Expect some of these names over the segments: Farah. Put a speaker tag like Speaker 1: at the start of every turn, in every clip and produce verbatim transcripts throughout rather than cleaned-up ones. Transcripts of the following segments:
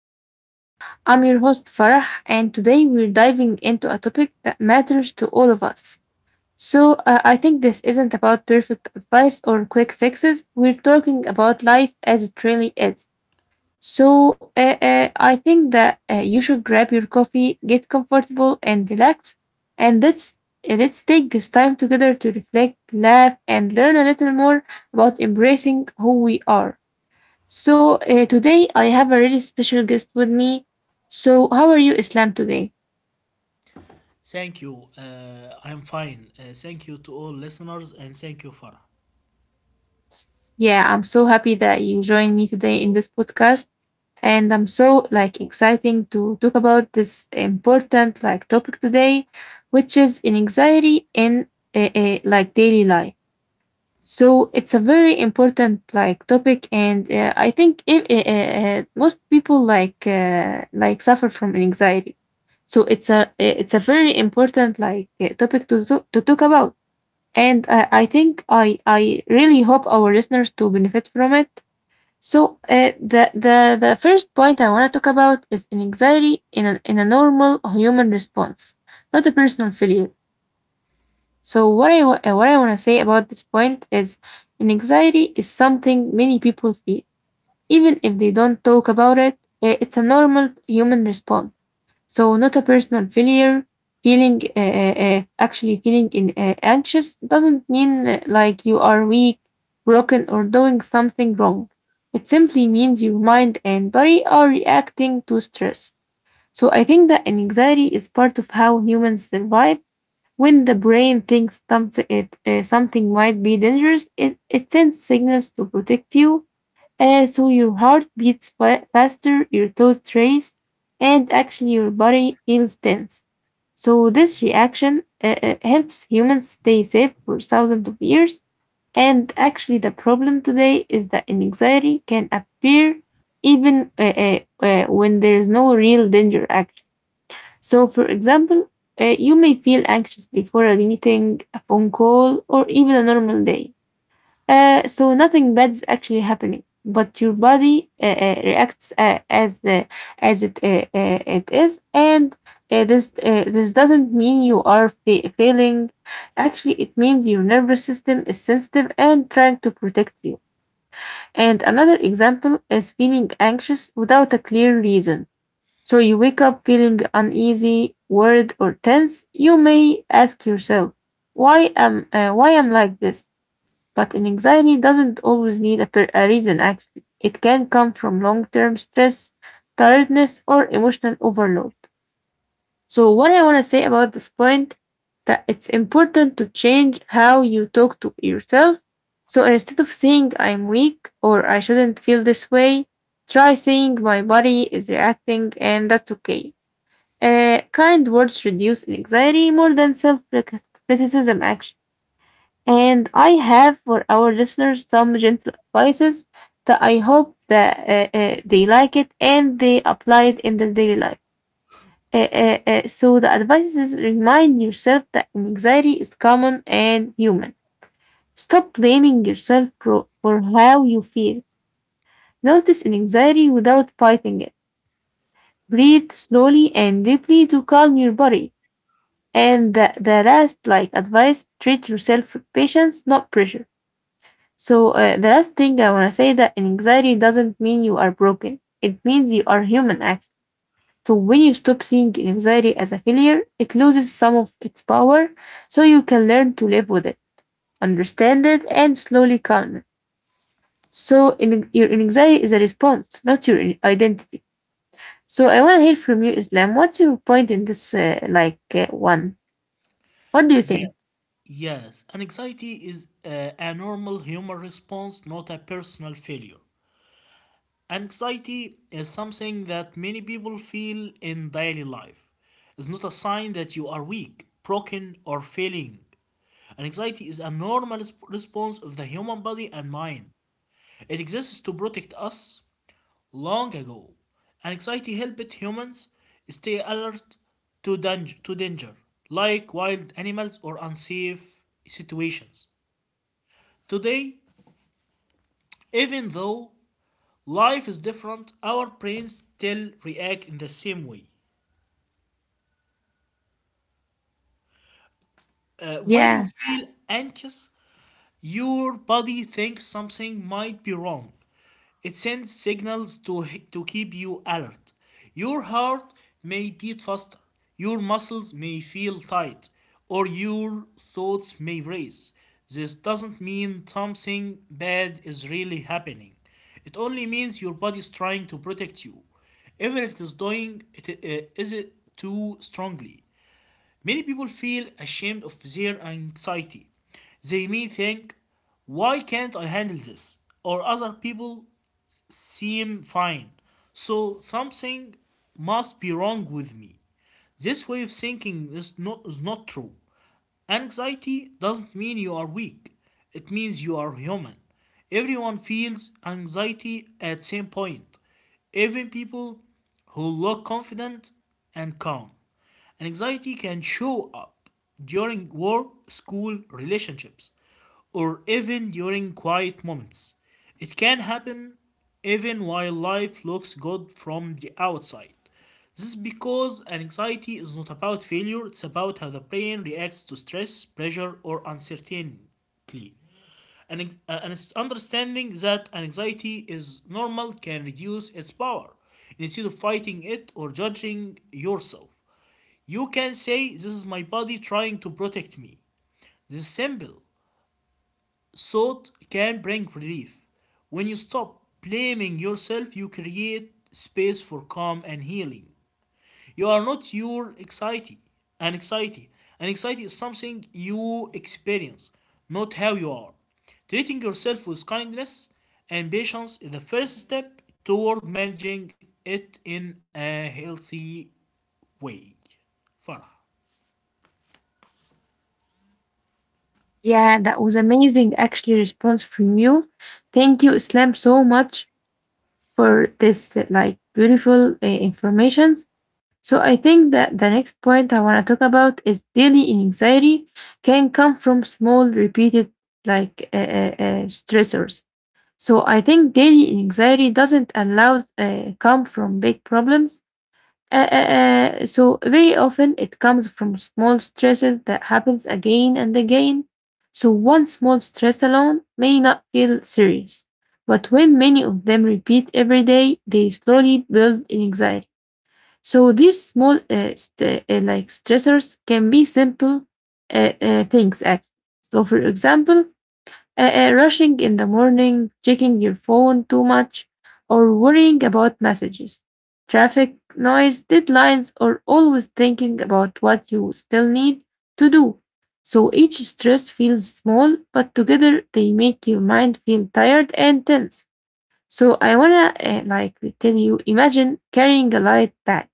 Speaker 1: today. I'm your host Farah, and today we're diving into a topic that matters to all of us. So, uh, I think this isn't about perfect advice or quick fixes. We're talking about life as it really is. So, uh, uh, I think that uh, you should grab your coffee, get comfortable, and relax. And let's uh, let's take this time together to reflect, laugh, and learn a little more about embracing who we are. So, uh, today I have a really special guest with me. So, how are you, Islam, today?
Speaker 2: Thank you. Uh, I'm fine. Uh, thank you to all listeners, and thank you, Farah.
Speaker 1: Yeah, I'm so happy that you joined me today in this podcast. And I'm so like exciting to talk about this important like topic today, which is an anxiety in uh, uh, like daily life. So it's a very important like topic, and uh, I think if, uh, uh, uh, most people like uh, like suffer from anxiety. So it's a it's a very important like uh, topic to to, to talk about, and I, I think I I really hope our listeners to benefit from it. So uh, the the the first point I want to talk about is an anxiety in an, in a normal human response, not a personal failure. So what I wa- uh, what I want to say about this point is an anxiety is something many people feel even if they don't talk about it. Uh, it's a normal human response, so not a personal failure. Feeling uh, uh, uh, actually feeling in, uh, anxious doesn't mean uh, like you are weak, broken, or doing something wrong. It simply means your mind and body are reacting to stress. So I think that anxiety is part of how humans survive. When the brain thinks something, it, uh, something might be dangerous, it, it sends signals to protect you. Uh, so your heart beats fa- faster, your toes race, and actually your body feels tense. So this reaction uh, uh, helps humans stay safe for thousands of years. And actually, the problem today is that anxiety can appear even uh, uh, uh, when there is no real danger, actually. So, for example, uh, you may feel anxious before a meeting, a phone call, or even a normal day. Uh, so, nothing bad is actually happening, but your body uh, uh, reacts uh, as the, as it uh, uh, it is, and uh, this uh, this doesn't mean you are fa- failing. Actually, it means your nervous system is sensitive and trying to protect you. And another example is feeling anxious without a clear reason. So you wake up feeling uneasy, worried, or tense. You may ask yourself, why am uh, why am like this? But an anxiety doesn't always need a, per- a reason. Actually, it can come from long-term stress, tiredness, or emotional overload. So, what I want to say about this point that it's important to change how you talk to yourself. So instead of saying I'm weak or I shouldn't feel this way, try saying my body is reacting and that's okay. Uh, kind words reduce anxiety more than self criticism, actually. And I have for our listeners some gentle advices that I hope that uh, uh, they like it and they apply it in their daily life. Uh, uh, uh, so the advice is remind yourself that anxiety is common and human. Stop blaming yourself for, for how you feel. Notice an anxiety without fighting it. Breathe slowly and deeply to calm your body. And the, the last like advice, treat yourself with patience, not pressure. So uh, the last thing I want to say that anxiety doesn't mean you are broken. It means you are human, actually. So when you stop seeing anxiety as a failure, it loses some of its power. So you can learn to live with it, understand it, and slowly calm it. So in, your anxiety is a response, not your identity. So I want to hear from you, Islam. What's your point in this uh, like uh, one? What do you
Speaker 2: Yeah,
Speaker 1: think?
Speaker 2: yes. Anxiety is uh, a normal human response, not a personal failure. Anxiety is something that many people feel in daily life. It's not a sign that you are weak, broken, or failing. Anxiety is a normal resp- response of the human body and mind. It exists to protect us long ago. Anxiety helped humans stay alert to danger, like wild animals or unsafe situations. Today, even though life is different, our brains still react in the same way. Uh, when you
Speaker 1: Yeah.
Speaker 2: feel anxious, your body thinks something might be wrong. It sends signals to, to keep you alert. Your heart may beat faster, your muscles may feel tight, or your thoughts may race. This doesn't mean something bad is really happening. It only means your body is trying to protect you, even if it is doing it uh, is it too strongly. Many people feel ashamed of their anxiety. They may think, "Why can't I handle this?" Or other people seem fine, so something must be wrong with me. This way of thinking is not, is not true. Anxiety doesn't mean you are weak, it means you are human. Everyone feels anxiety at some point, even people who look confident and calm. Anxiety can show up during work, school, relationships, or even during quiet moments. It can happen even while life looks good from the outside. This is because anxiety is not about failure, it's about how the brain reacts to stress, pressure, or uncertainty. And, uh, Understanding that anxiety is normal can reduce its power instead of fighting it or judging yourself. You can say, this is my body trying to protect me. This is simple thought can bring relief. When you stop blaming yourself, you create space for calm and healing. You are not your anxiety. An Anxiety. An anxiety is something you experience, not how you are. Treating yourself with kindness and patience is the first step toward managing it in a healthy way. Farah.
Speaker 1: Yeah, that was amazing actually response from you. Thank you, Islam, so much for this uh, like beautiful uh, informations. So I think that the next point I want to talk about is daily anxiety can come from small repeated like uh, uh, uh, stressors. So I think daily anxiety doesn't allow uh, come from big problems uh, uh, uh, so very often it comes from small stresses that happens again and again. So one small stress alone may not feel serious, but when many of them repeat every day, they slowly build in anxiety. So these small uh, st- uh, like stressors can be simple uh, uh, things, actually. So for example, uh, uh, rushing in the morning, checking your phone too much, or worrying about messages, traffic, noise, deadlines, or always thinking about what you still need to do. So each stress feels small, but together they make your mind feel tired and tense. So I wanna uh, like tell you, imagine carrying a light bag.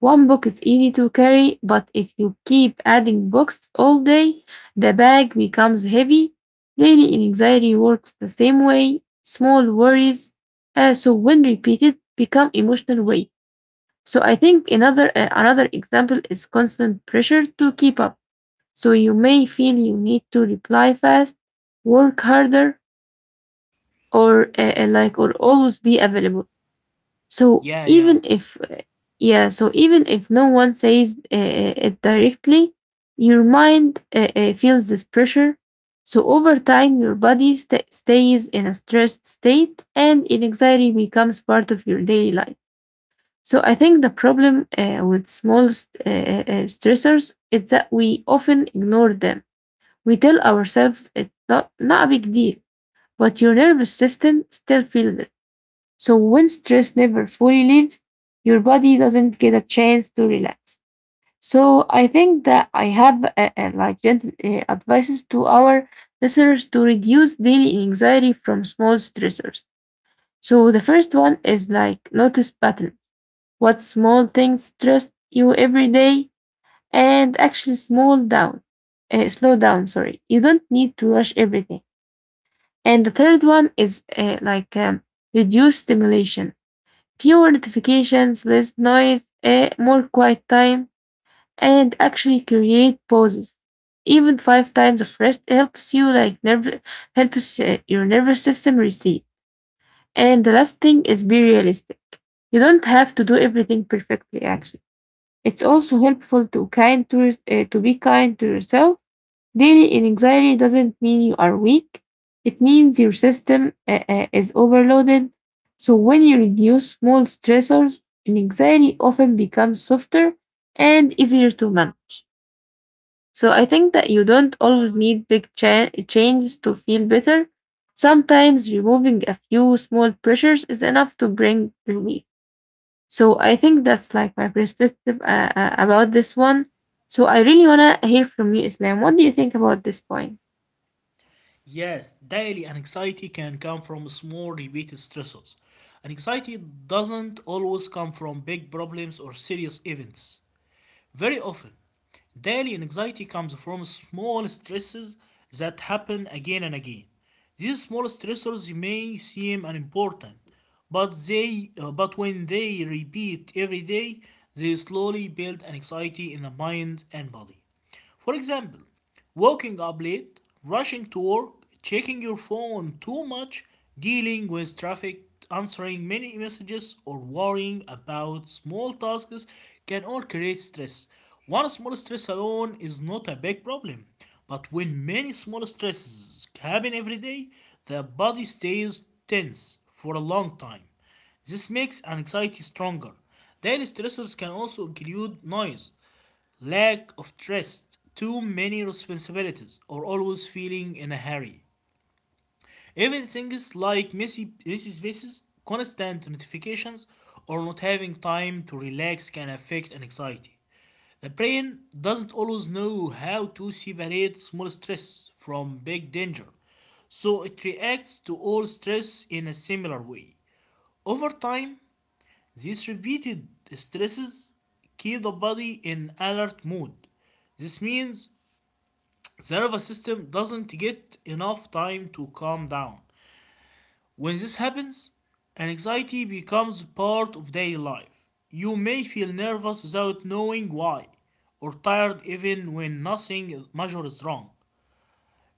Speaker 1: One book is easy to carry, but if you keep adding books all day, the bag becomes heavy. Daily anxiety works the same way. Small worries, uh, so when repeated, become emotional weight. So I think another uh, another example is constant pressure to keep up. So you may feel you need to reply fast, work harder, or uh, uh, like or always be available.
Speaker 2: Yeah,
Speaker 1: So
Speaker 2: yeah.
Speaker 1: even if yeah, so even if no one says uh, uh, it directly, your mind uh, uh, feels this pressure. So over time, your body sta- stays in a stressed state, and anxiety becomes part of your daily life. So I think the problem uh, with small st- uh, uh, uh, stressors is that we often ignore them. We tell ourselves it's not not a big deal, but your nervous system still feels it. So when stress never fully leaves, your body doesn't get a chance to relax. So I think that I have uh, uh, like gentle uh, advices to our listeners to reduce daily anxiety from small stressors. So the first one is like notice pattern. What small things stress you every day and actually small down. Uh, slow down, sorry. You don't need to rush everything. And the third one is uh, like um, reduce stimulation, fewer notifications, less noise, eh, more quiet time, and actually create pauses. Even five times of rest helps you like nerve helps uh, your nervous system reset. And the last thing is be realistic. You don't have to do everything perfectly. Actually, it's also helpful to kind to, uh, to be kind to yourself. Daily anxiety doesn't mean you are weak. It means your system uh, uh, is overloaded. So when you reduce small stressors, anxiety often becomes softer and easier to manage. So I think that you don't always need big cha- changes to feel better. Sometimes removing a few small pressures is enough to bring relief. So I think that's like my perspective uh, uh, about this one. So I really wanna hear from you, Islam. What do you think about this point?
Speaker 2: Yes, daily anxiety can come from small repeated stressors. Anxiety doesn't always come from big problems or serious events. Very often, daily anxiety comes from small stresses that happen again and again. These small stressors may seem unimportant, but they uh, but when they repeat every day, they slowly build anxiety in the mind and body. For example, waking up late, rushing to work, checking your phone too much, dealing with traffic, answering many messages, or worrying about small tasks can all create stress. One small stress alone is not a big problem, but when many small stresses happen every day, the body stays tense for a long time. This makes anxiety stronger. Daily stressors can also include noise, lack of trust, too many responsibilities, or always feeling in a hurry. Even things like messy, messy spaces, constant notifications, or not having time to relax can affect anxiety. The brain doesn't always know how to separate small stress from big danger, so it reacts to all stress in a similar way. Over time, these repeated stresses keep the body in alert mode. This means the nervous system doesn't get enough time to calm down. When this happens, anxiety becomes part of daily life. You may feel nervous without knowing why, or tired even when nothing major is wrong.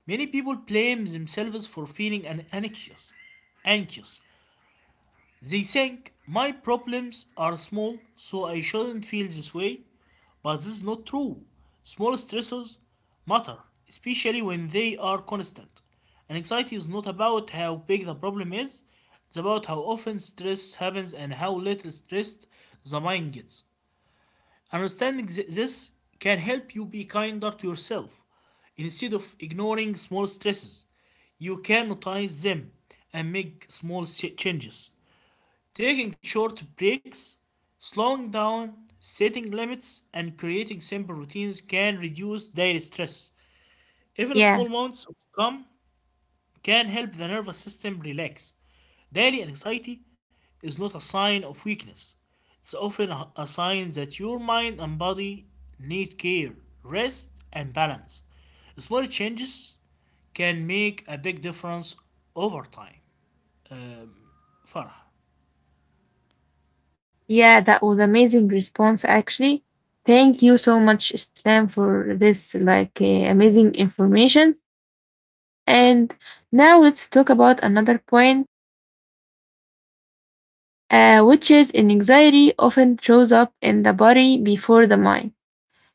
Speaker 2: Many people blame themselves for feeling anxious. Anxious they think my problems are small, so I shouldn't feel this way, but this is not true. Small stressors matter, especially when they are constant. And anxiety is not about how big the problem is, it's about how often stress happens and how little stressed the mind gets. Understanding this can help you be kinder to yourself. Instead of ignoring small stresses, you can notice them and make small changes. Taking short breaks, slowing down, setting limits, and creating simple routines can reduce daily stress. Even small
Speaker 1: Yeah,
Speaker 2: moments of calm can help the nervous system relax. Daily anxiety is not a sign of weakness, it's often a a sign that your mind and body need care, rest, and balance. Small changes can make a big difference over time. Um, Farah.
Speaker 1: yeah, that was amazing response actually. Thank you so much, Islam, for this like uh, amazing information. And now let's talk about another point, uh, which is an anxiety often shows up in the body before the mind.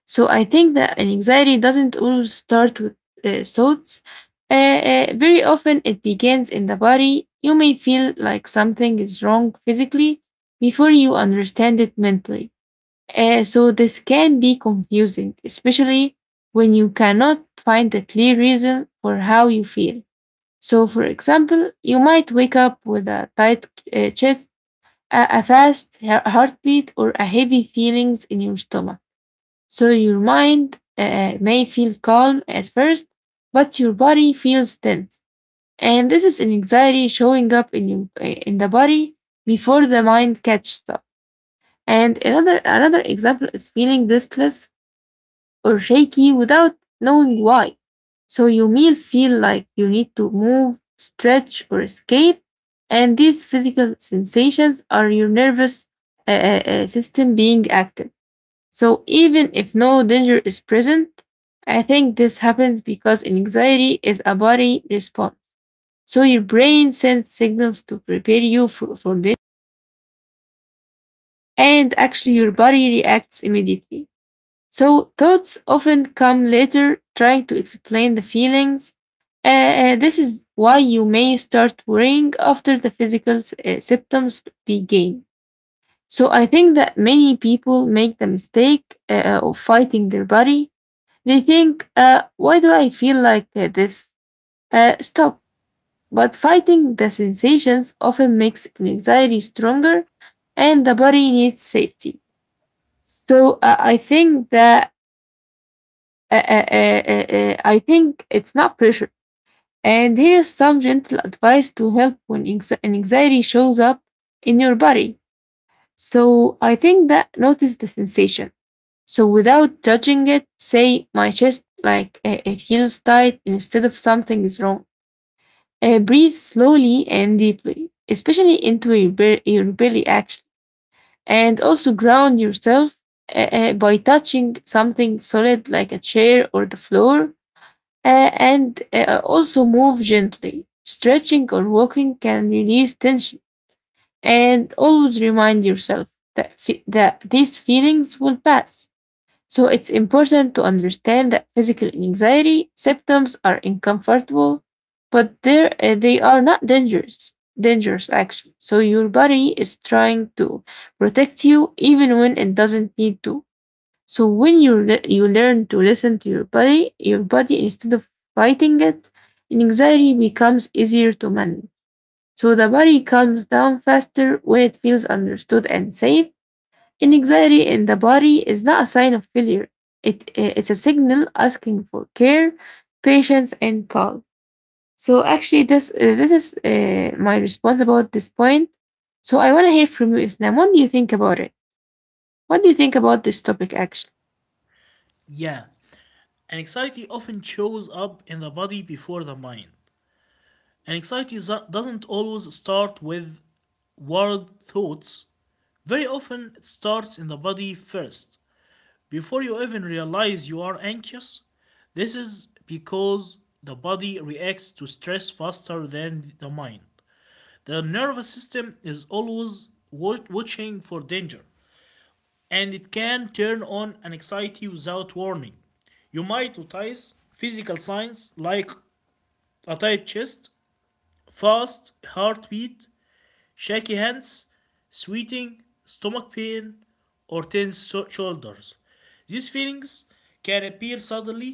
Speaker 1: So I think that an anxiety doesn't always start with uh, thoughts. Uh, uh, very often it begins in the body. You may feel like something is wrong physically before you understand it mentally. Uh, so this can be confusing, especially when you cannot find a clear reason for how you feel. So, for example, you might wake up with a tight uh, chest, a, a fast hea- heartbeat, or a heavy feelings in your stomach. So your mind uh, may feel calm at first, but your body feels tense, and this is an anxiety showing up in you uh, in the body before the mind catches up. And another another example is feeling restless or shaky without knowing why. So you may feel like you need to move, stretch, or escape. And these physical sensations are your nervous uh, uh, uh, system being active. So even if no danger is present, I think this happens because anxiety is a body response. So your brain sends signals to prepare you for, for this, and actually your body reacts immediately. So thoughts often come later trying to explain the feelings. Uh, uh, this is why you may start worrying after the physical s- uh, symptoms begin. So I think that many people make the mistake uh, uh, of fighting their body. They think, uh, why do I feel like uh, this? Uh, stop. But fighting the sensations often makes anxiety stronger and the body needs safety. So uh, I think that Uh, uh, uh, uh, uh, I think it's not pressure. And here is some gentle advice to help when anxi- an anxiety shows up in your body. So I think that notice the sensation. So without judging it, say my chest like uh, it feels tight instead of something is wrong. Uh, breathe slowly and deeply, especially into your, be- your belly action. And also ground yourself uh, uh, by touching something solid like a chair or the floor. Uh, and uh, also move gently. Stretching or walking can release tension. And always remind yourself that, fe- that these feelings will pass. So it's important to understand that physical anxiety symptoms are uncomfortable, but they're, uh, they are not dangerous. Dangerous actually. So your body is trying to protect you even when it doesn't need to. So when you le- you learn to listen to your body, your body instead of fighting it, anxiety becomes easier to manage. So the body calms down faster when it feels understood and safe. And anxiety in the body is not a sign of failure. It eh, it's a signal asking for care, patience, and calm. So actually, this eh, this is eh, my response about this point. So I want to hear from you, Islam. What do you think about it? What do you think about this topic, actually?
Speaker 2: Yeah. And anxiety often shows up in the body before the mind. And anxiety doesn't always start with worried thoughts. Very often, it starts in the body first, before you even realize you are anxious. This is because the body reacts to stress faster than the mind. The nervous system is always watching for danger, and it can turn on an anxiety without warning. You might notice physical signs like a tight chest, fast heartbeat, shaky hands, sweating, stomach pain, or tense so- shoulders. These feelings can appear suddenly,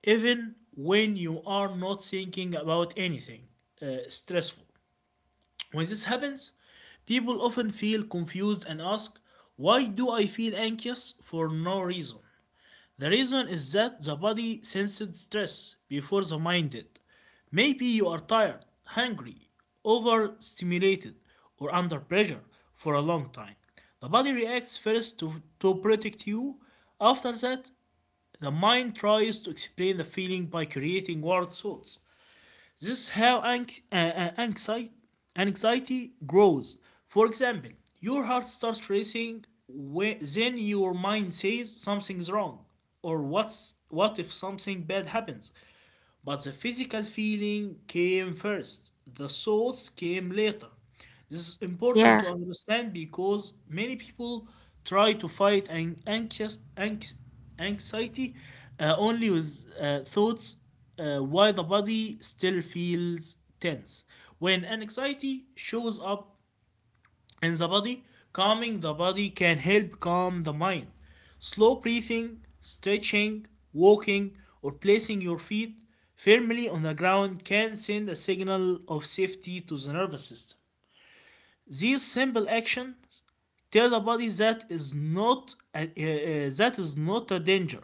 Speaker 2: even when you are not thinking about anything uh, stressful. When this happens, people often feel confused and ask, why do I feel anxious for no reason? The reason is that the body sensed stress before the mind did. Maybe you are tired, hungry, overstimulated, or under pressure for a long time. The body reacts first to, to protect you. After that, the mind tries to explain the feeling by creating world thoughts. This is how anx- uh, uh, anxiety, anxiety grows. For example, your heart starts racing, when, then your mind says something's wrong, or what's, what if something bad happens? But the physical feeling came first, the thoughts came later. This is important to
Speaker 1: Yeah,
Speaker 2: understand because many people try to fight an anxious anx, anxiety uh, only with uh, thoughts uh, while the body still feels tense. When anxiety shows up in the body, calming the body can help calm the mind. Slow breathing, stretching, walking, or placing your feet firmly on the ground can send a signal of safety to the nervous system. These simple actions tell the body that is not a, uh, uh, that is not a danger.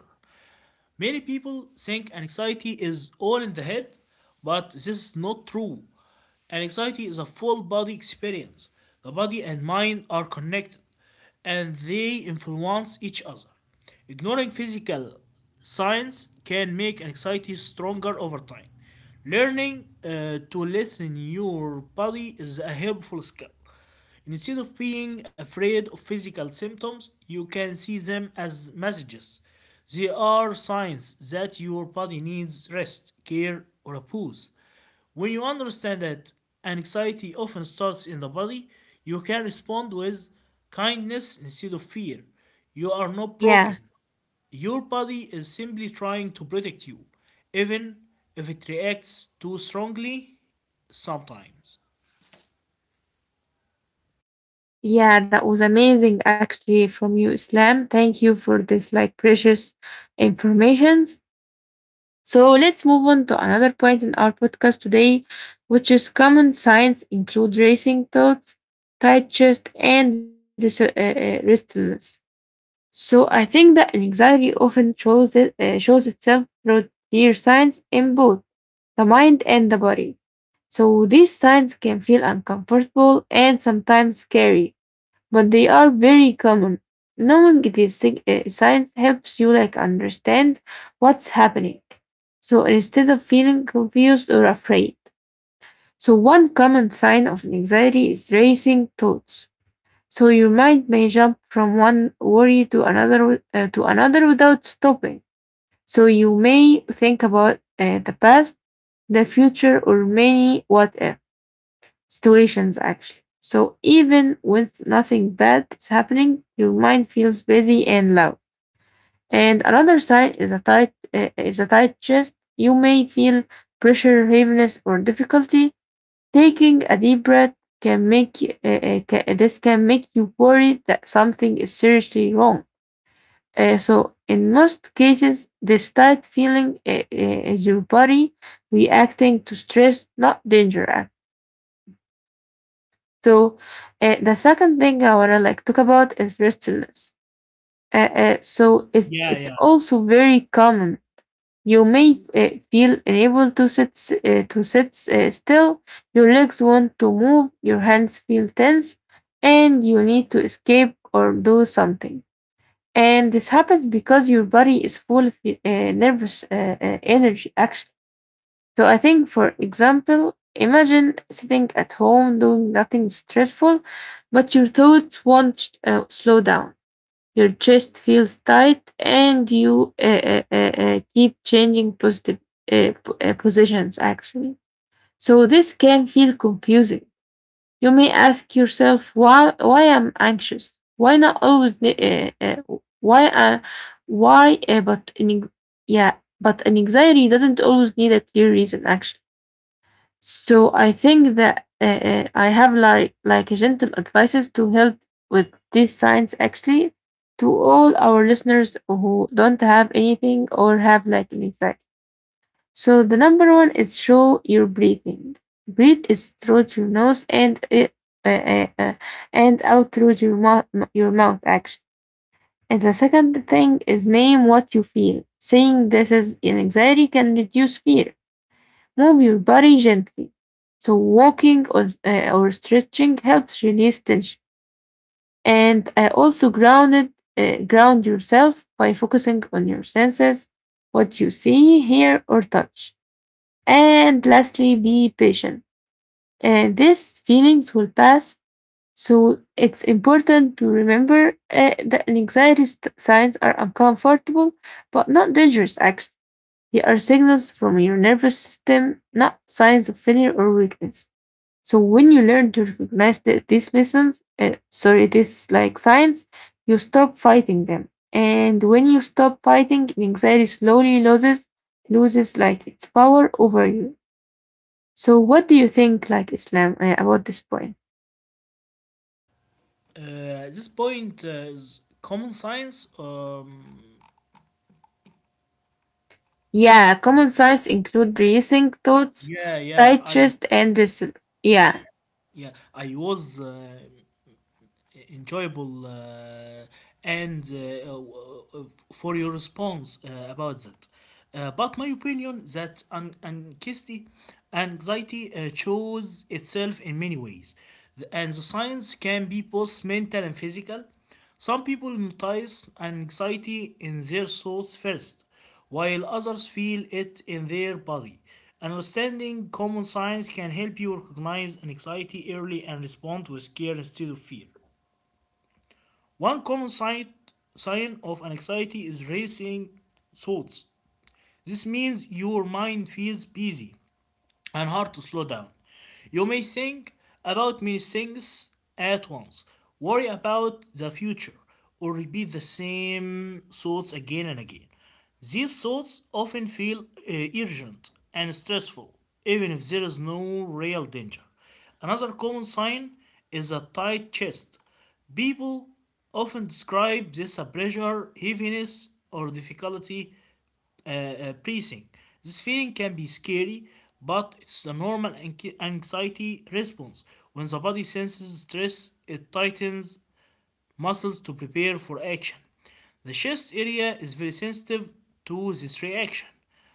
Speaker 2: Many people think anxiety is all in the head, but this is not true. And anxiety is a full body experience. The body and mind are connected, and they influence each other. Ignoring physical signs can make anxiety stronger over time. Learning uh, to listen to your body is a helpful skill. Instead of being afraid of physical symptoms, you can see them as messages. They are signs that your body needs rest, care, or a pause. When you understand that anxiety often starts in the body, you can respond with kindness instead of fear. You are not broken.
Speaker 1: yeah.
Speaker 2: Your body is simply trying to protect you, even if it reacts too strongly sometimes.
Speaker 1: Yeah, that was amazing actually from you, Islam. Thank you for this like precious informations. So let's move on to another point in our podcast today, which is common signs include racing thoughts, tight chest, and res- uh, uh, restlessness. So I think that anxiety often shows it, uh, shows itself through clear signs in both the mind and the body. So these signs can feel uncomfortable and sometimes scary, but they are very common. Knowing these sig- uh, signs helps you like understand what's happening. So instead of feeling confused or afraid. So one common sign of anxiety is racing thoughts. So your mind may jump from one worry to another uh, to another without stopping. So you may think about uh, the past, the future, or many what if situations actually. So even with nothing bad is happening, your mind feels busy and loud. And another sign is a tight uh, is a tight chest. You may feel pressure, heaviness, or difficulty. Taking a deep breath can make you- uh, uh, ca- this can make you worry that something is seriously wrong. Uh, so in most cases, this tight feeling uh, uh, is your body reacting to stress, not danger. So uh, the second thing I wanna like talk about is restlessness. Uh, uh, so it's
Speaker 2: Yeah, yeah.
Speaker 1: it's also very common. You may uh, feel unable to sit s- uh, to sit uh, still. Your legs want to move. Your hands feel tense, and you need to escape or do something. And this happens because your body is full of uh, nervous uh, uh, energy, actually. So I think, for example, imagine sitting at home doing nothing stressful, but your thoughts won't uh, slow down. Your chest feels tight, and you uh, uh, uh, uh, keep changing positive uh, po- uh, positions. Actually, so this can feel confusing. You may ask yourself, "Why? Why am anxious? Why not always? Ne- Uh, uh, why? Uh, why? Uh, but an, ex- yeah, but an anxiety doesn't always need a clear reason. Actually." So I think that uh, uh, I have like like gentle advices to help with these signs actually, to all our listeners who don't have anything or have like an anxiety. So the number one is show your breathing. Breathe is through your nose and uh, uh, uh, uh, and out through your mouth your mouth actually. And the second thing is name what you feel. Saying this is an anxiety can reduce fear. Move your body gently. So, walking or, uh, or stretching helps release tension. And uh, also, grounded, uh, ground yourself by focusing on your senses, what you see, hear, or touch. And lastly, be patient. And these feelings will pass. So, it's important to remember uh, that anxiety st- signs are uncomfortable but not dangerous, actually. They are signals from your nervous system, not signs of failure or weakness. So when you learn to recognize th- these lessons, uh, sorry, this like signs, you stop fighting them. And when you stop fighting, anxiety slowly loses loses like its power over you. So what do you think like Islam uh, about this point?
Speaker 2: Uh, this point uh, is common science. Um,
Speaker 1: Yeah, common signs include racing thoughts,
Speaker 2: yeah, yeah,
Speaker 1: tight
Speaker 2: I
Speaker 1: chest, and wrestle. Yeah.
Speaker 2: yeah I was uh, e, enjoyable uh, and uh, uh, uh, for your response uh, about that. Uh, but my opinion that an- anxiety, anxiety uh, shows itself in many ways. The- and the science can be both mental and physical. Some people notice anxiety in their thoughts first, while others feel it in their body. Understanding common signs can help you recognize anxiety early and respond with care instead of fear. One common sign, sign of anxiety is racing thoughts. This means your mind feels busy and hard to slow down. You may think about many things at once, worry about the future, or repeat the same thoughts again and again. These thoughts often feel uh, urgent and stressful, even if there is no real danger. Another common sign is a tight chest. People often describe this as pressure, heaviness, or difficulty uh, uh, breathing. This feeling can be scary, but it's the normal anx- anxiety response. When the body senses stress, it tightens muscles to prepare for action. The chest area is very sensitive to this reaction.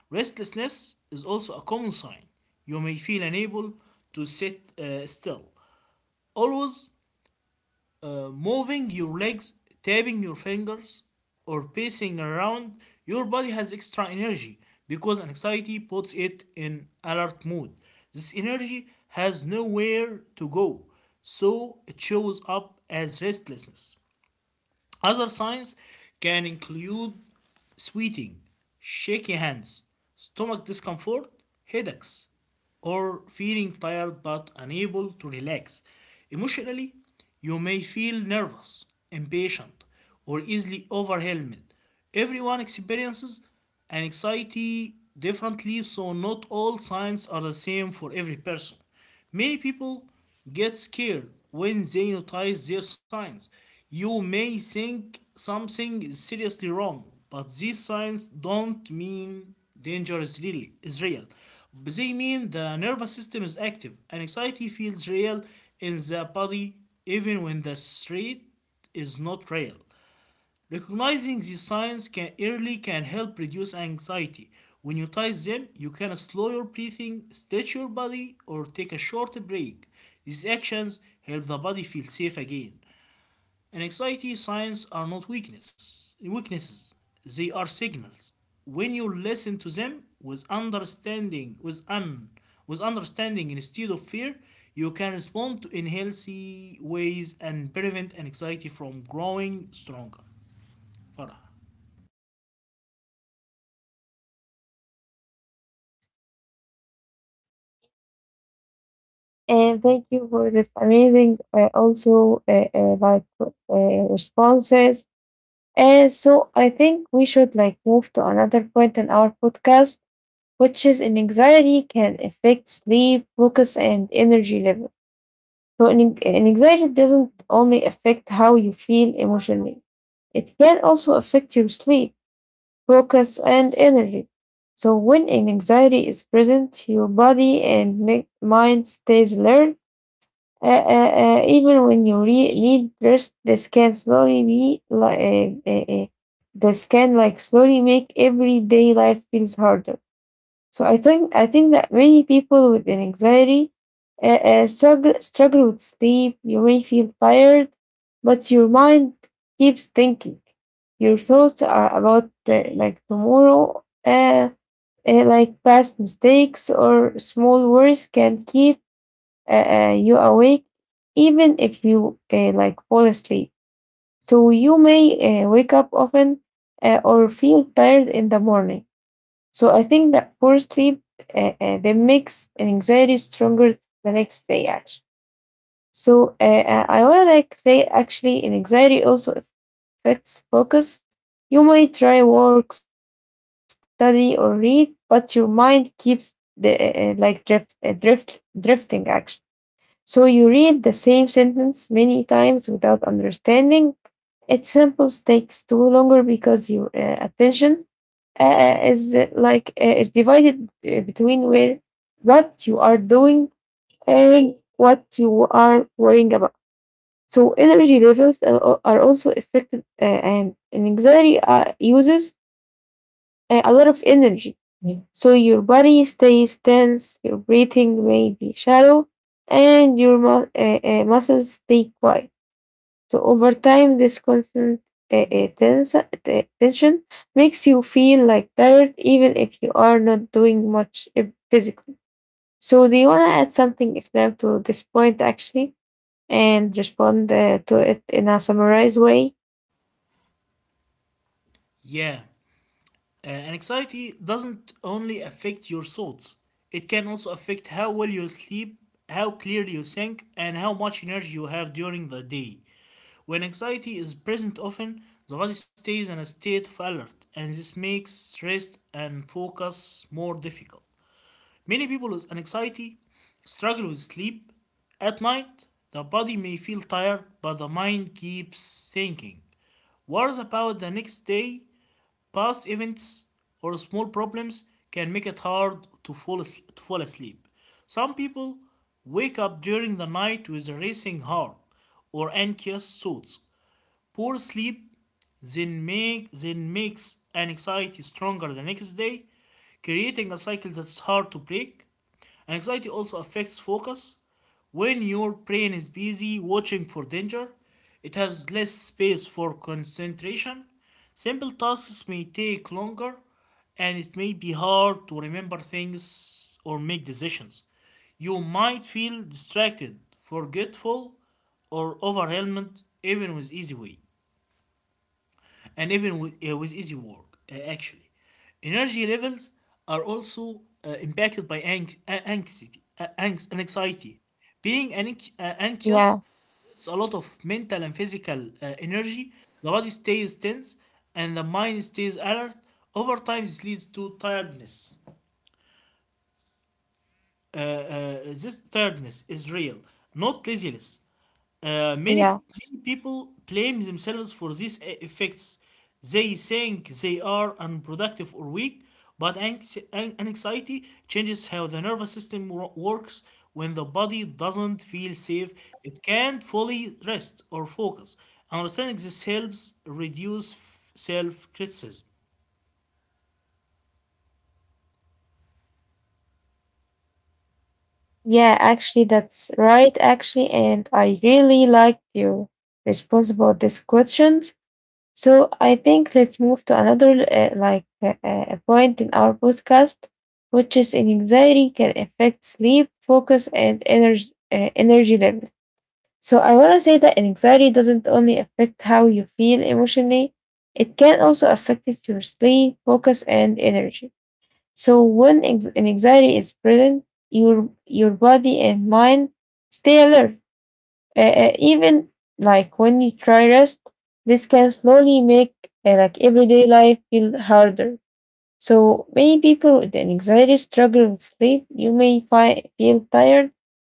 Speaker 2: Restlessness is also a common sign. You may feel unable to sit uh, still. Always uh, moving your legs, tapping your fingers, or pacing around, your body has extra energy because anxiety puts it in alert mode. This energy has nowhere to go, so it shows up as restlessness. Other signs can include sweating, shaky hands, stomach discomfort, headaches, or feeling tired but unable to relax. Emotionally, you may feel nervous, impatient, or easily overwhelmed. Everyone experiences anxiety differently, so not all signs are the same for every person. Many people get scared when they notice their signs. You may think something is seriously wrong, but these signs don't mean danger is, really, is real. They mean the nervous system is active and anxiety feels real in the body even when the threat is not real. Recognizing these signs can early can help reduce anxiety. When you notice them, you can slow your breathing, stretch your body, or take a short break. These actions help the body feel safe again. Anxiety signs are not weakness weaknesses. They are signals. When you listen to them with understanding, with un with understanding instead of fear, you can respond to in healthy ways and prevent anxiety from growing stronger. Farah.
Speaker 1: And thank you for this amazing, uh, also uh, uh, like uh, responses. Uh, so I think we should like move to another point in our podcast, which is an anxiety can affect sleep, focus, and energy level. So an, an anxiety doesn't only affect how you feel emotionally; it can also affect your sleep, focus, and energy. So when an anxiety is present, your body and mi- mind stays alert uh, uh, uh, even when you re- read first, the scan slowly be like uh, uh, uh, the scan like slowly make everyday life feels harder. So I think I think that many people with an anxiety uh, uh, struggle struggle with sleep. You may feel tired, but your mind keeps thinking. Your thoughts are about uh, like tomorrow. Uh, uh, like past mistakes or small worries can keep uh, uh, you awake even if you uh, like fall asleep. So you may uh, wake up often uh, or feel tired in the morning. So I think that poor sleep uh, uh, that makes an anxiety stronger the next day actually. So uh, uh, I want to like say actually an anxiety also affects focus. You might try work, study, or read, but your mind keeps the uh, uh, like drift, uh, drift, drifting actually. So you read the same sentence many times without understanding. Examples takes too longer because your uh, attention uh, is uh, like uh, is divided uh, between where what you are doing and what you are worrying about. So energy levels are, are also affected, uh, and anxiety uh, uses uh, a lot of energy. Mm. So your body stays tense, your breathing may be shallow, and your mu- uh, uh, muscles stay quiet. So over time, this constant uh, uh, tens- uh, tension makes you feel like tired, even if you are not doing much uh, physically. So do you want to add something, Islam, to this point actually, and respond uh, to it in a summarized way?
Speaker 2: Yeah, uh, and anxiety doesn't only affect your thoughts, it can also affect how well you sleep, how clearly you think, and how much energy you have during the day. When anxiety is present often, the body stays in a state of alert, and this makes rest and focus more difficult. Many people with anxiety struggle with sleep. At night, the body may feel tired, but the mind keeps thinking. Worries about the next day, past events, or small problems can make it hard to fall, to fall asleep. Some people wake up during the night with a racing heart or anxious thoughts. Poor sleep then, make, then makes anxiety stronger the next day, creating a cycle that's hard to break. And anxiety also affects focus. When your brain is busy watching for danger, it has less space for concentration. Simple tasks may take longer, and it may be hard to remember things or make decisions. You might feel distracted, forgetful, or overwhelmed even with easy way and even with, uh, with easy work, uh, actually. Energy levels are also uh, impacted by ang- a- anxiety, a- anx- and anxiety. Being anx- uh, anxious,
Speaker 1: Yeah,
Speaker 2: it's a lot of mental and physical uh, energy. The body stays tense and the mind stays alert. Over time, this leads to tiredness. Uh, uh, this tiredness is real, not laziness. Uh, many,
Speaker 1: yeah.
Speaker 2: Many people blame themselves for these e- effects. They think they are unproductive or weak, but anxi- an- anxiety changes how the nervous system wo- works. When the body doesn't feel safe, it can't fully rest or focus. Understanding this helps reduce self criticism.
Speaker 1: Yeah, actually, that's right, actually. And I really liked your response about this question. So I think let's move to another uh, like uh, uh, point in our podcast, which is in anxiety can affect sleep, focus, and energy uh, energy level. So I want to say that anxiety doesn't only affect how you feel emotionally; it can also affect your sleep, focus, and energy. So when ex- an anxiety is present, your your body and mind stay alert. Uh, uh, even like when you try rest, this can slowly make uh, like everyday life feel harder. So many people with an anxiety struggle with sleep. You may fi- feel tired,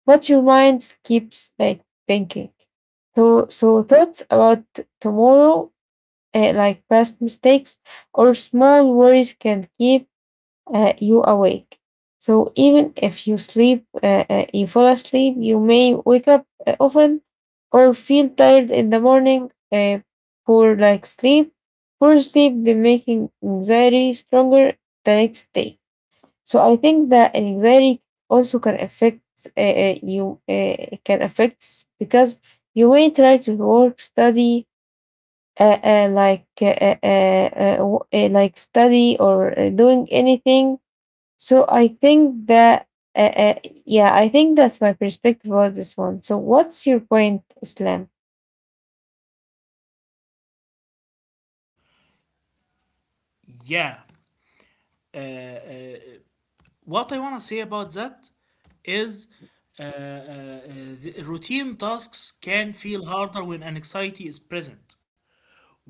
Speaker 1: but your mind keeps like thinking. So so thoughts about tomorrow, uh, like past mistakes or small worries, can keep uh, you awake. So even if you sleep, uh, uh, you fall asleep, you may wake up uh, often or feel tired in the morning. Uh, poor like sleep, poor sleep, be making anxiety stronger the next day. So I think that anxiety also can affect uh, uh, you. Uh, can affect because you may try to work, study, uh, uh, like uh, uh, uh, uh, w- uh, like study or uh, doing anything, so I think that, uh, uh, yeah, I think that's my perspective about this one. So what's your point, Islam?
Speaker 2: Yeah, what I want to say about that is uh, uh, uh, the routine tasks can feel harder when anxiety is present.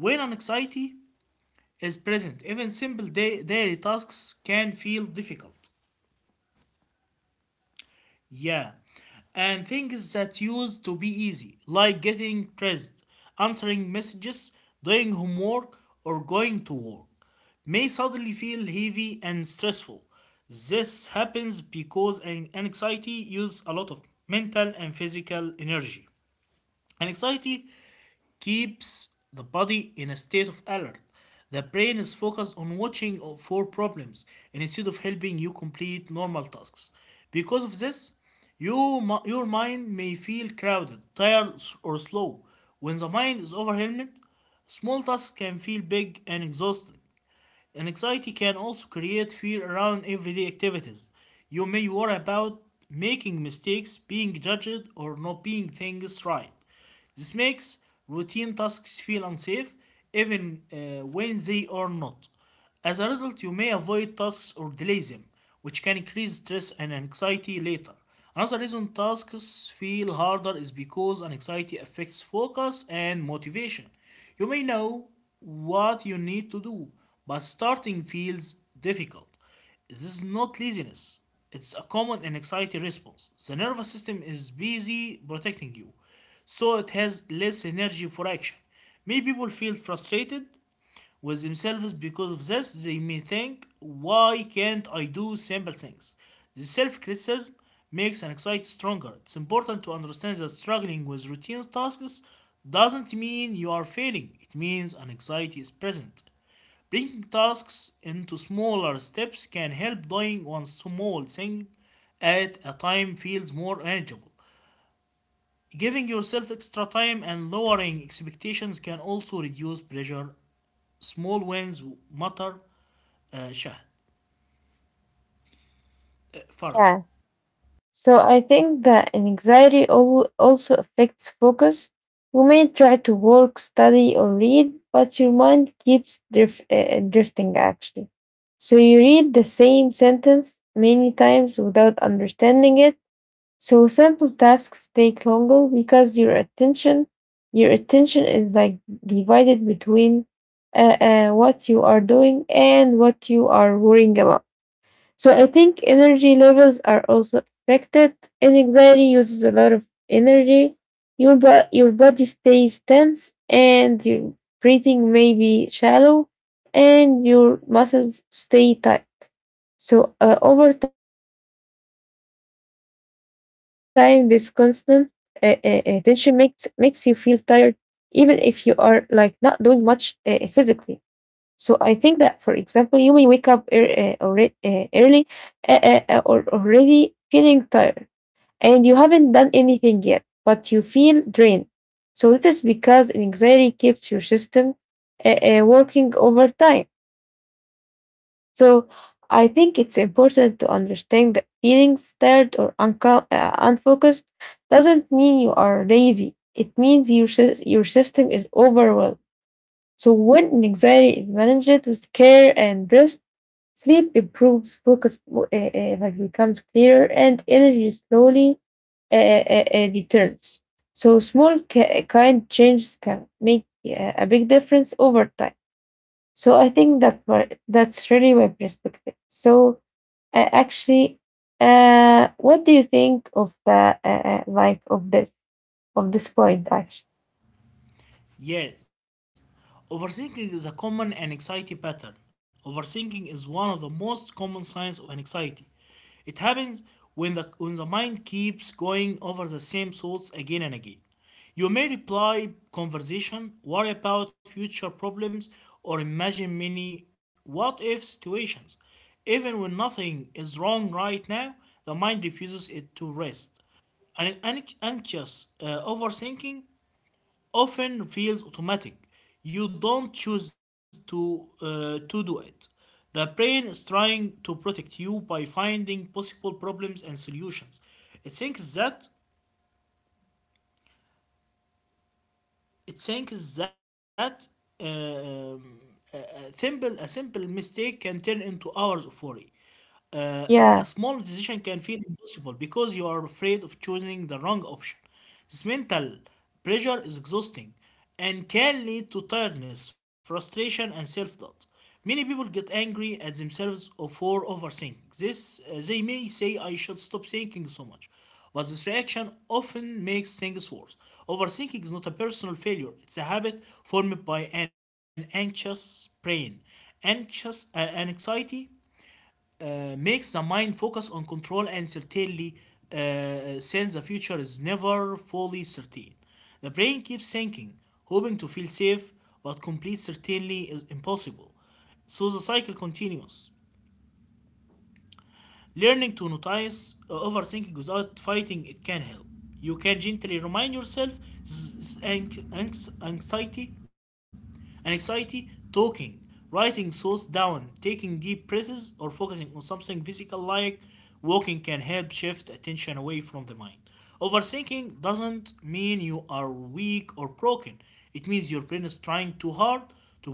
Speaker 2: When anxiety is present, even simple day- daily tasks can feel difficult. Yeah. And things that used to be easy, like getting dressed, answering messages, doing homework, or going to work, may suddenly feel heavy and stressful. This happens because an- anxiety uses a lot of mental and physical energy. Anxiety keeps the body in a state of alert. The brain is focused on watching for problems instead of helping you complete normal tasks. Because of this, you, your mind may feel crowded, tired, or slow. When the mind is overwhelmed, small tasks can feel big and exhausting. And anxiety can also create fear around everyday activities. You may worry about making mistakes, being judged, or not being things right. This makes routine tasks feel unsafe even uh, when they are not. As a result, you may avoid tasks or delay them, which can increase stress and anxiety later. Another reason tasks feel harder is because anxiety affects focus and motivation. You may know what you need to do, but starting feels difficult. This is not laziness. It's a common and anxiety response. The nervous system is busy protecting you, so it has less energy for action. Many people feel frustrated with themselves. Because of this, they may think, why can't I do simple things? The self-criticism makes anxiety stronger. It's important to understand that struggling with routine tasks doesn't mean you are failing. It means anxiety is present. Breaking tasks into smaller steps can help. Doing one small thing at a time feels more manageable. Giving yourself extra time and lowering expectations can also reduce pressure. Small wins matter, uh, Shah, uh, Farah.
Speaker 1: Yeah. So I think that anxiety al- also affects focus. You may try to work, study, or read, but your mind keeps drif- uh, drifting actually. So you read the same sentence many times without understanding it. So simple tasks take longer because your attention, your attention is like divided between uh, uh, what you are doing and what you are worrying about. So I think energy levels are also affected. And anxiety uses a lot of energy. Your bo- your body stays tense, and your breathing may be shallow, and your muscles stay tight. So uh, over time, this constant uh, uh, uh, tension makes makes you feel tired, even if you are like not doing much uh, physically. So I think that, for example, you may wake up ear uh, alre- uh, early uh, uh, uh, or already feeling tired, and you haven't done anything yet, but you feel drained. So this is because anxiety keeps your system uh, uh, working over time. So I think it's important to understand that feeling tired or unco- uh, unfocused doesn't mean you are lazy. It means your, sys- your system is overwhelmed. So when anxiety is managed with care and rest, sleep improves, focus uh, uh, like becomes clearer, and energy slowly uh, uh, uh, uh, returns. So small ki- kind changes can make uh, a big difference over time. So I think that my, that's really my perspective. So uh, actually, uh, what do you think of the uh, uh, like of this of this point? Actually,
Speaker 2: Yes. Overthinking is a common anxiety pattern. Overthinking is one of the most common signs of anxiety. It happens when the, when the mind keeps going over the same thoughts again and again. You may reply conversation, worry about future problems, or imagine many what if situations. Even when nothing is wrong right now, the mind refuses it to rest. An anxious uh, overthinking often feels automatic. You don't choose to uh, to do it. The brain is trying to protect you by finding possible problems and solutions. It thinks that it thinks that um, a simple a simple mistake can turn into hours of worry. Uh, a
Speaker 1: yeah,
Speaker 2: a small decision can feel impossible because you are afraid of choosing the wrong option. This mental pressure is exhausting and can lead to tiredness, frustration, and self doubt. Many people get angry at themselves or for overthinking. This, uh, they may say, I should stop thinking so much. But this reaction often makes things worse. Overthinking is not a personal failure, it's a habit formed by an anxious brain. Anxious uh, Anxiety uh, makes the mind focus on control and certainly uh, since the future is never fully certain. The brain keeps thinking, hoping to feel safe, but complete certainty is impossible. So the cycle continues. Learning to notice uh, overthinking without fighting it can help. You can gently remind yourself anxiety and anxiety, talking, writing thoughts down, taking deep breaths, or focusing on something physical like walking can help shift attention away from the mind. Overthinking doesn't mean you are weak or broken, it means your brain is trying too hard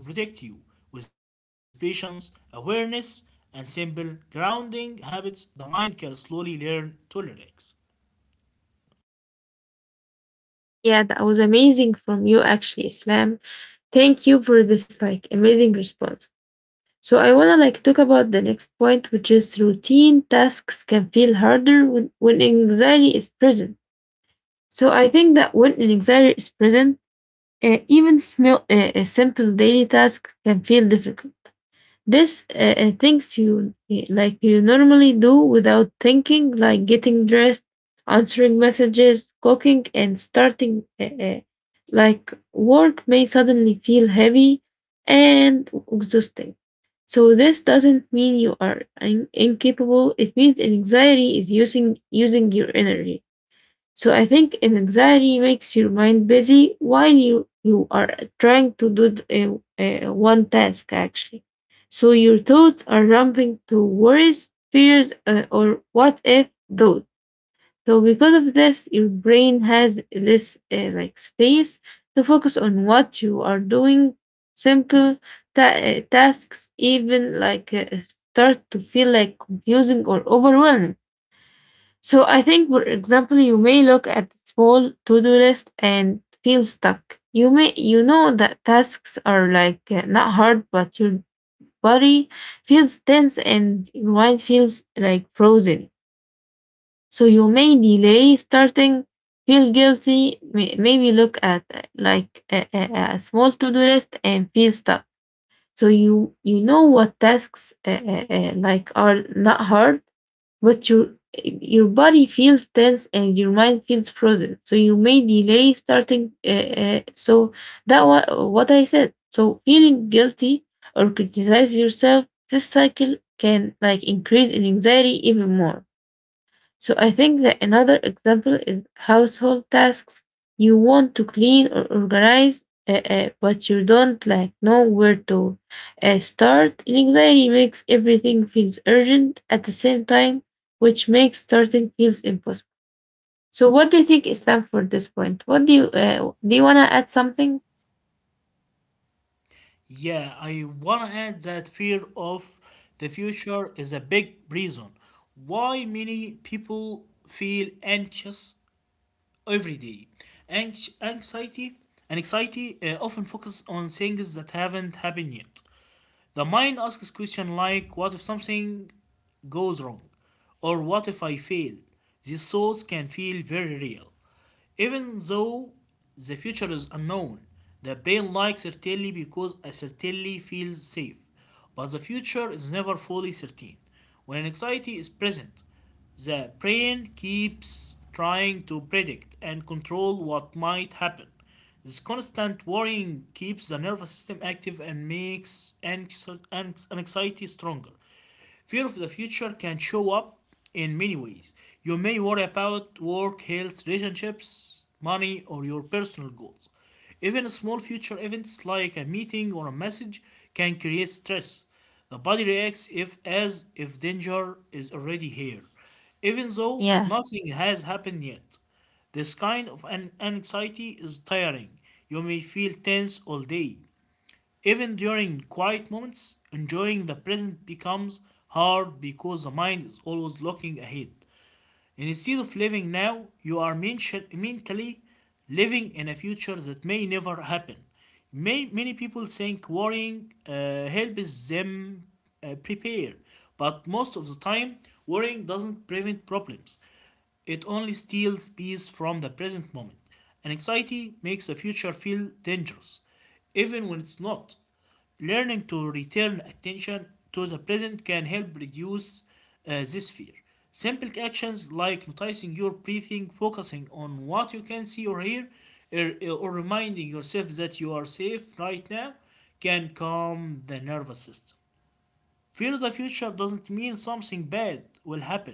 Speaker 2: to protect you. With patience, awareness, and simple grounding habits, the mind can slowly learn to relax.
Speaker 1: Yeah, that was amazing from you actually, Islam. Thank you for this like amazing response. So I wanna like talk about the next point, which is routine tasks can feel harder when, when anxiety is present. So I think that when an anxiety is present, uh, even small, uh, a simple daily task can feel difficult. This uh, uh, things you eh, like you normally do without thinking, like getting dressed, answering messages, cooking, and starting uh, uh, like work may suddenly feel heavy and exhausting. So this doesn't mean you are in- incapable. It means anxiety is using using your energy. So I think an anxiety makes your mind busy while you you are trying to do th- uh, uh, one task actually. So your thoughts are jumping to worries, fears, uh, or what if thought. So because of this, your brain has less uh, like space to focus on what you are doing. Simple ta- uh, tasks even like uh, start to feel like confusing or overwhelming. So I think, for example, you may look at the small to-do list and feel stuck. You may you know that tasks are like uh, not hard, but your body feels tense and your mind feels like frozen. So you may delay starting, feel guilty, may, maybe look at uh, like a, a, a small to-do list and feel stuck. So you you know what tasks uh, uh, uh, like are not hard, but your your body feels tense and your mind feels frozen, so you may delay starting uh, uh, so that wa- what I said, so feeling guilty or criticize yourself, this cycle can like increase in anxiety even more. So I think that another example is household tasks. You want to clean or organize, uh, uh, but you don't like know where to uh, start. Anxiety makes everything feels urgent at the same time, which makes starting feels impossible. So what do you think, Islam, for this point? What do you uh, do? You wanna add something?
Speaker 2: Yeah, I want to add that fear of the future is a big reason why many people feel anxious every day. Anx- anxiety and Anxiety uh, often focus on things that haven't happened yet. The mind asks questions like, "What if something goes wrong?" or "What if I fail?" These thoughts can feel very real. Even though the future is unknown, the brain likes certainty because a certainty feels safe. But the future is never fully certain. When anxiety is present, the brain keeps trying to predict and control what might happen. This constant worrying keeps the nervous system active and makes anxiety stronger. Fear of the future can show up in many ways. You may worry about work, health, relationships, money, or your personal goals. Even small future events like a meeting or a message can create stress. The body reacts if as if danger is already here, even though
Speaker 1: Yeah.
Speaker 2: nothing has happened yet. This kind of an anxiety is tiring. You may feel tense all day, even during quiet moments, enjoying the present becomes hard because the mind is always looking ahead. And instead of living now, you are mentally living in a future that may never happen. May, many people think worrying uh, helps them uh, prepare, but most of the time, worrying doesn't prevent problems. It only steals peace from the present moment. And anxiety makes the future feel dangerous, even when it's not. Learning to return attention to the present can help reduce uh, this fear. Simple actions like noticing your breathing, focusing on what you can see or hear, or, or reminding yourself that you are safe right now can calm the nervous system. Fear the future doesn't mean something bad will happen.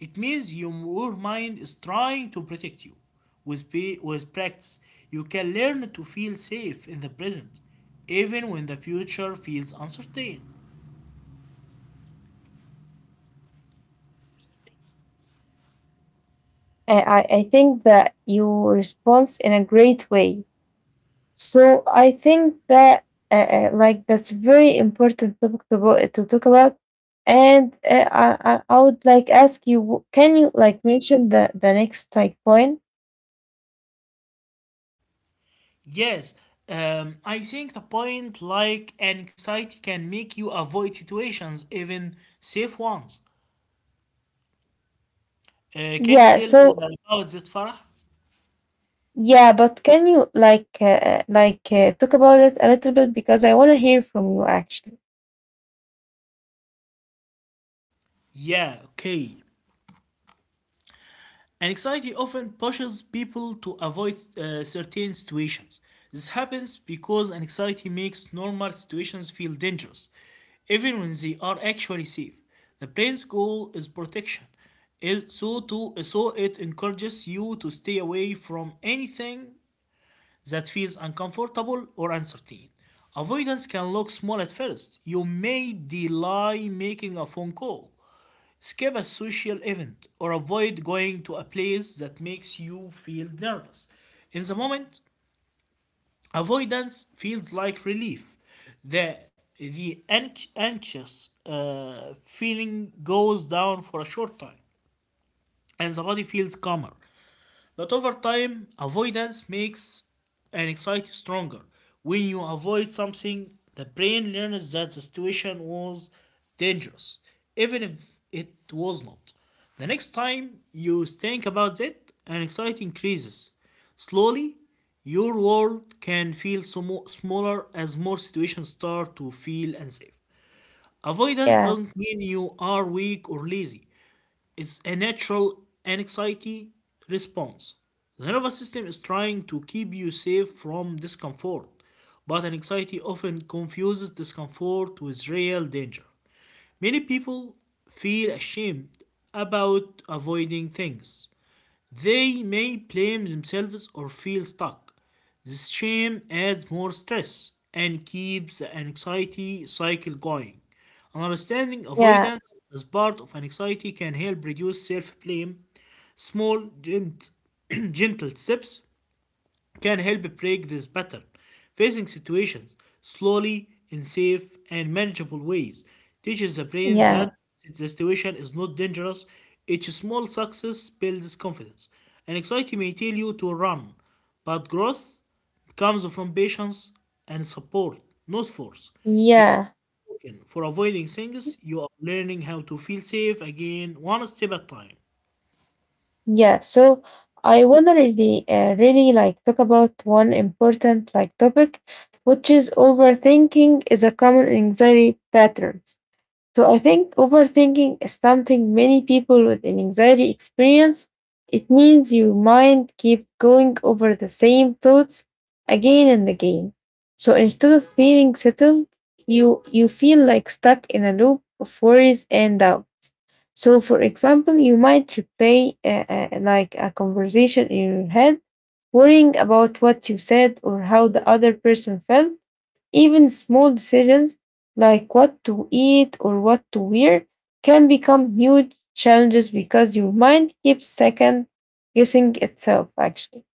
Speaker 2: It means your mind is trying to protect you. With, with practice, you can learn to feel safe in the present, even when the future feels uncertain.
Speaker 1: I, I I think that you response in a great way. So I think that uh, uh, like that's very important topic to bo- to talk about, and uh, I I I would like ask you, w- can you like mention the the next like point?
Speaker 2: Yes, um, I think the point like anxiety can make you avoid situations, even safe ones. Uh, can you
Speaker 1: Yeah.
Speaker 2: tell me
Speaker 1: So
Speaker 2: about that, Farah?
Speaker 1: yeah, but can you like uh, uh, like uh, talk about it a little bit because I want to hear from you actually.
Speaker 2: Yeah, okay. Anxiety often pushes people to avoid uh, certain situations. This happens because anxiety makes normal situations feel dangerous, even when they are actually safe. The brain's goal is protection, is so to so it encourages you to stay away from anything that feels uncomfortable or uncertain. Avoidance can look small at first. You may delay making a phone call. Skip a social event or avoid going to a place that makes you feel nervous. In the moment, avoidance feels like relief. The, the anx- anxious uh, feeling goes down for a short time and the body feels calmer. But over time, avoidance makes anxiety stronger. When you avoid something, the brain learns that the situation was dangerous, even if it was not. The next time you think about it, anxiety increases. Slowly, your world can feel smo- smaller as more situations start to feel unsafe. Avoidance
Speaker 1: Yeah.
Speaker 2: doesn't mean you are weak or lazy. It's a natural anxiety response. The nervous system is trying to keep you safe from discomfort, but anxiety often confuses discomfort with real danger. Many people feel ashamed about avoiding things. They may blame themselves or feel stuck. This shame adds more stress and keeps the anxiety cycle going. Understanding
Speaker 1: Yeah.
Speaker 2: avoidance as part of anxiety can help reduce self blame. Small, gent- Gentle steps can help break this pattern. Facing situations slowly in safe and manageable ways teaches the brain that
Speaker 1: Yeah.
Speaker 2: the situation is not dangerous. Each small success builds confidence. Anxiety may tell you to run, but growth comes from patience and support, not force.
Speaker 1: Yeah.
Speaker 2: For avoiding things, you are learning how to feel safe again, one step at a time.
Speaker 1: Yeah, so I wanna really, uh, really like talk about one important like topic, which is overthinking is a common anxiety patterns. So I think overthinking is something many people with an anxiety experience. It means your mind keeps going over the same thoughts again and again. So instead of feeling settled, you you feel like stuck in a loop of worries and doubts. So, for example, you might replay uh, uh, like a conversation in your head, worrying about what you said or how the other person felt. Even small decisions like what to eat or what to wear can become huge challenges because your mind keeps second guessing itself, actually.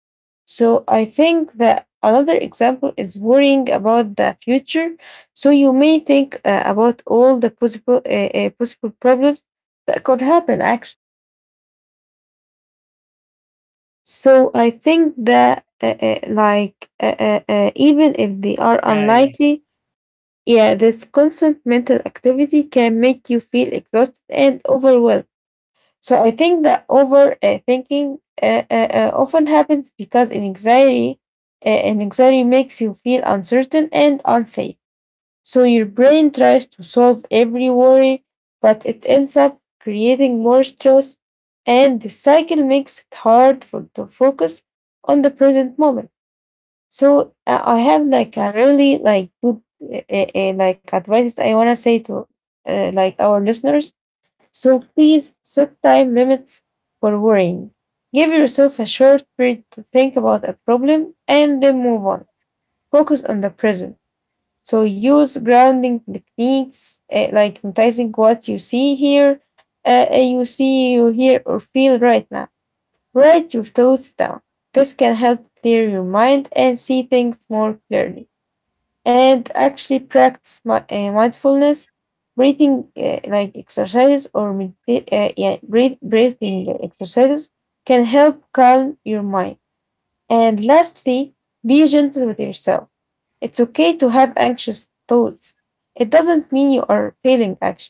Speaker 1: So I think that another example is worrying about the future. So you may think uh, about all the possible uh, uh, possible problems that could happen. Actually, so I think that uh, uh, like uh, uh, uh, even if they are
Speaker 2: Yeah, yeah.
Speaker 1: unlikely, yeah, this constant mental activity can make you feel exhausted and overwhelmed. So I think that overthinking uh, uh, uh, uh, often happens because in anxiety, uh, an anxiety makes you feel uncertain and unsafe. So your brain tries to solve every worry, but it ends up creating more stress, and the cycle makes it hard for to focus on the present moment. So uh, I have like a really like good uh, uh, uh, like advice I wanna say to uh, like our listeners. So please set time limits for worrying. Give yourself a short period to think about a problem and then move on. Focus on the present. So use grounding techniques eh, like noticing what you see here, uh, you see, you hear, or feel right now. Write your thoughts down. This can help clear your mind and see things more clearly. And actually practice my, uh, mindfulness, breathing uh, like exercises or medita- uh, yeah, breath- breathing exercises can help calm your mind. And lastly, be gentle with yourself. It's okay to have anxious thoughts. It doesn't mean you are failing. Actually,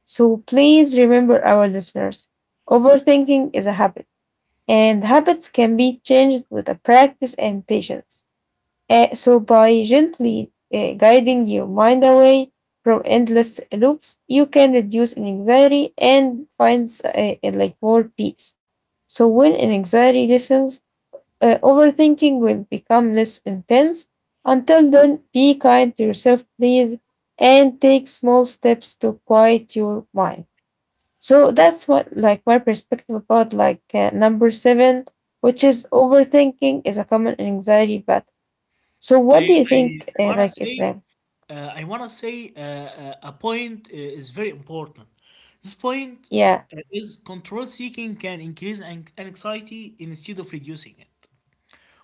Speaker 1: so please remember our listeners, overthinking is a habit, and habits can be changed with a practice and patience. Uh, so, by gently uh, guiding your mind away from endless loops, you can reduce anxiety and find uh, uh, like more peace. So, when anxiety lessens, uh, overthinking will become less intense. Until then, be kind to yourself, please, and take small steps to quiet your mind. So that's what like my perspective about like uh, number seven, which is overthinking is a common anxiety pattern. So
Speaker 2: I,
Speaker 1: what do you
Speaker 2: I,
Speaker 1: think
Speaker 2: I
Speaker 1: uh,
Speaker 2: wanna
Speaker 1: like is
Speaker 2: say
Speaker 1: that?
Speaker 2: uh, I want to say uh, uh, a point uh, is very important. This point
Speaker 1: Yeah.
Speaker 2: uh, is control seeking can increase an- anxiety instead of reducing it.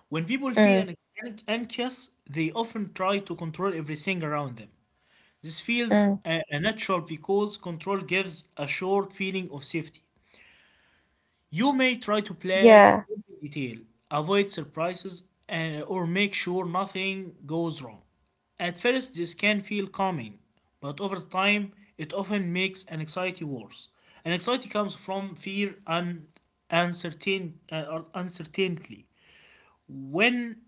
Speaker 2: When people
Speaker 1: Mm,
Speaker 2: feel an- an- anxious, they often try to control everything around them. This feels
Speaker 1: mm,
Speaker 2: uh, uh, natural because control gives a short feeling of safety. You may try to plan
Speaker 1: yeah.
Speaker 2: every detail, avoid surprises, and, or make sure nothing goes wrong. At first, this can feel calming, but over time, it often makes anxiety worse. Anxiety comes from fear and uncertain, uh, or uncertainty. When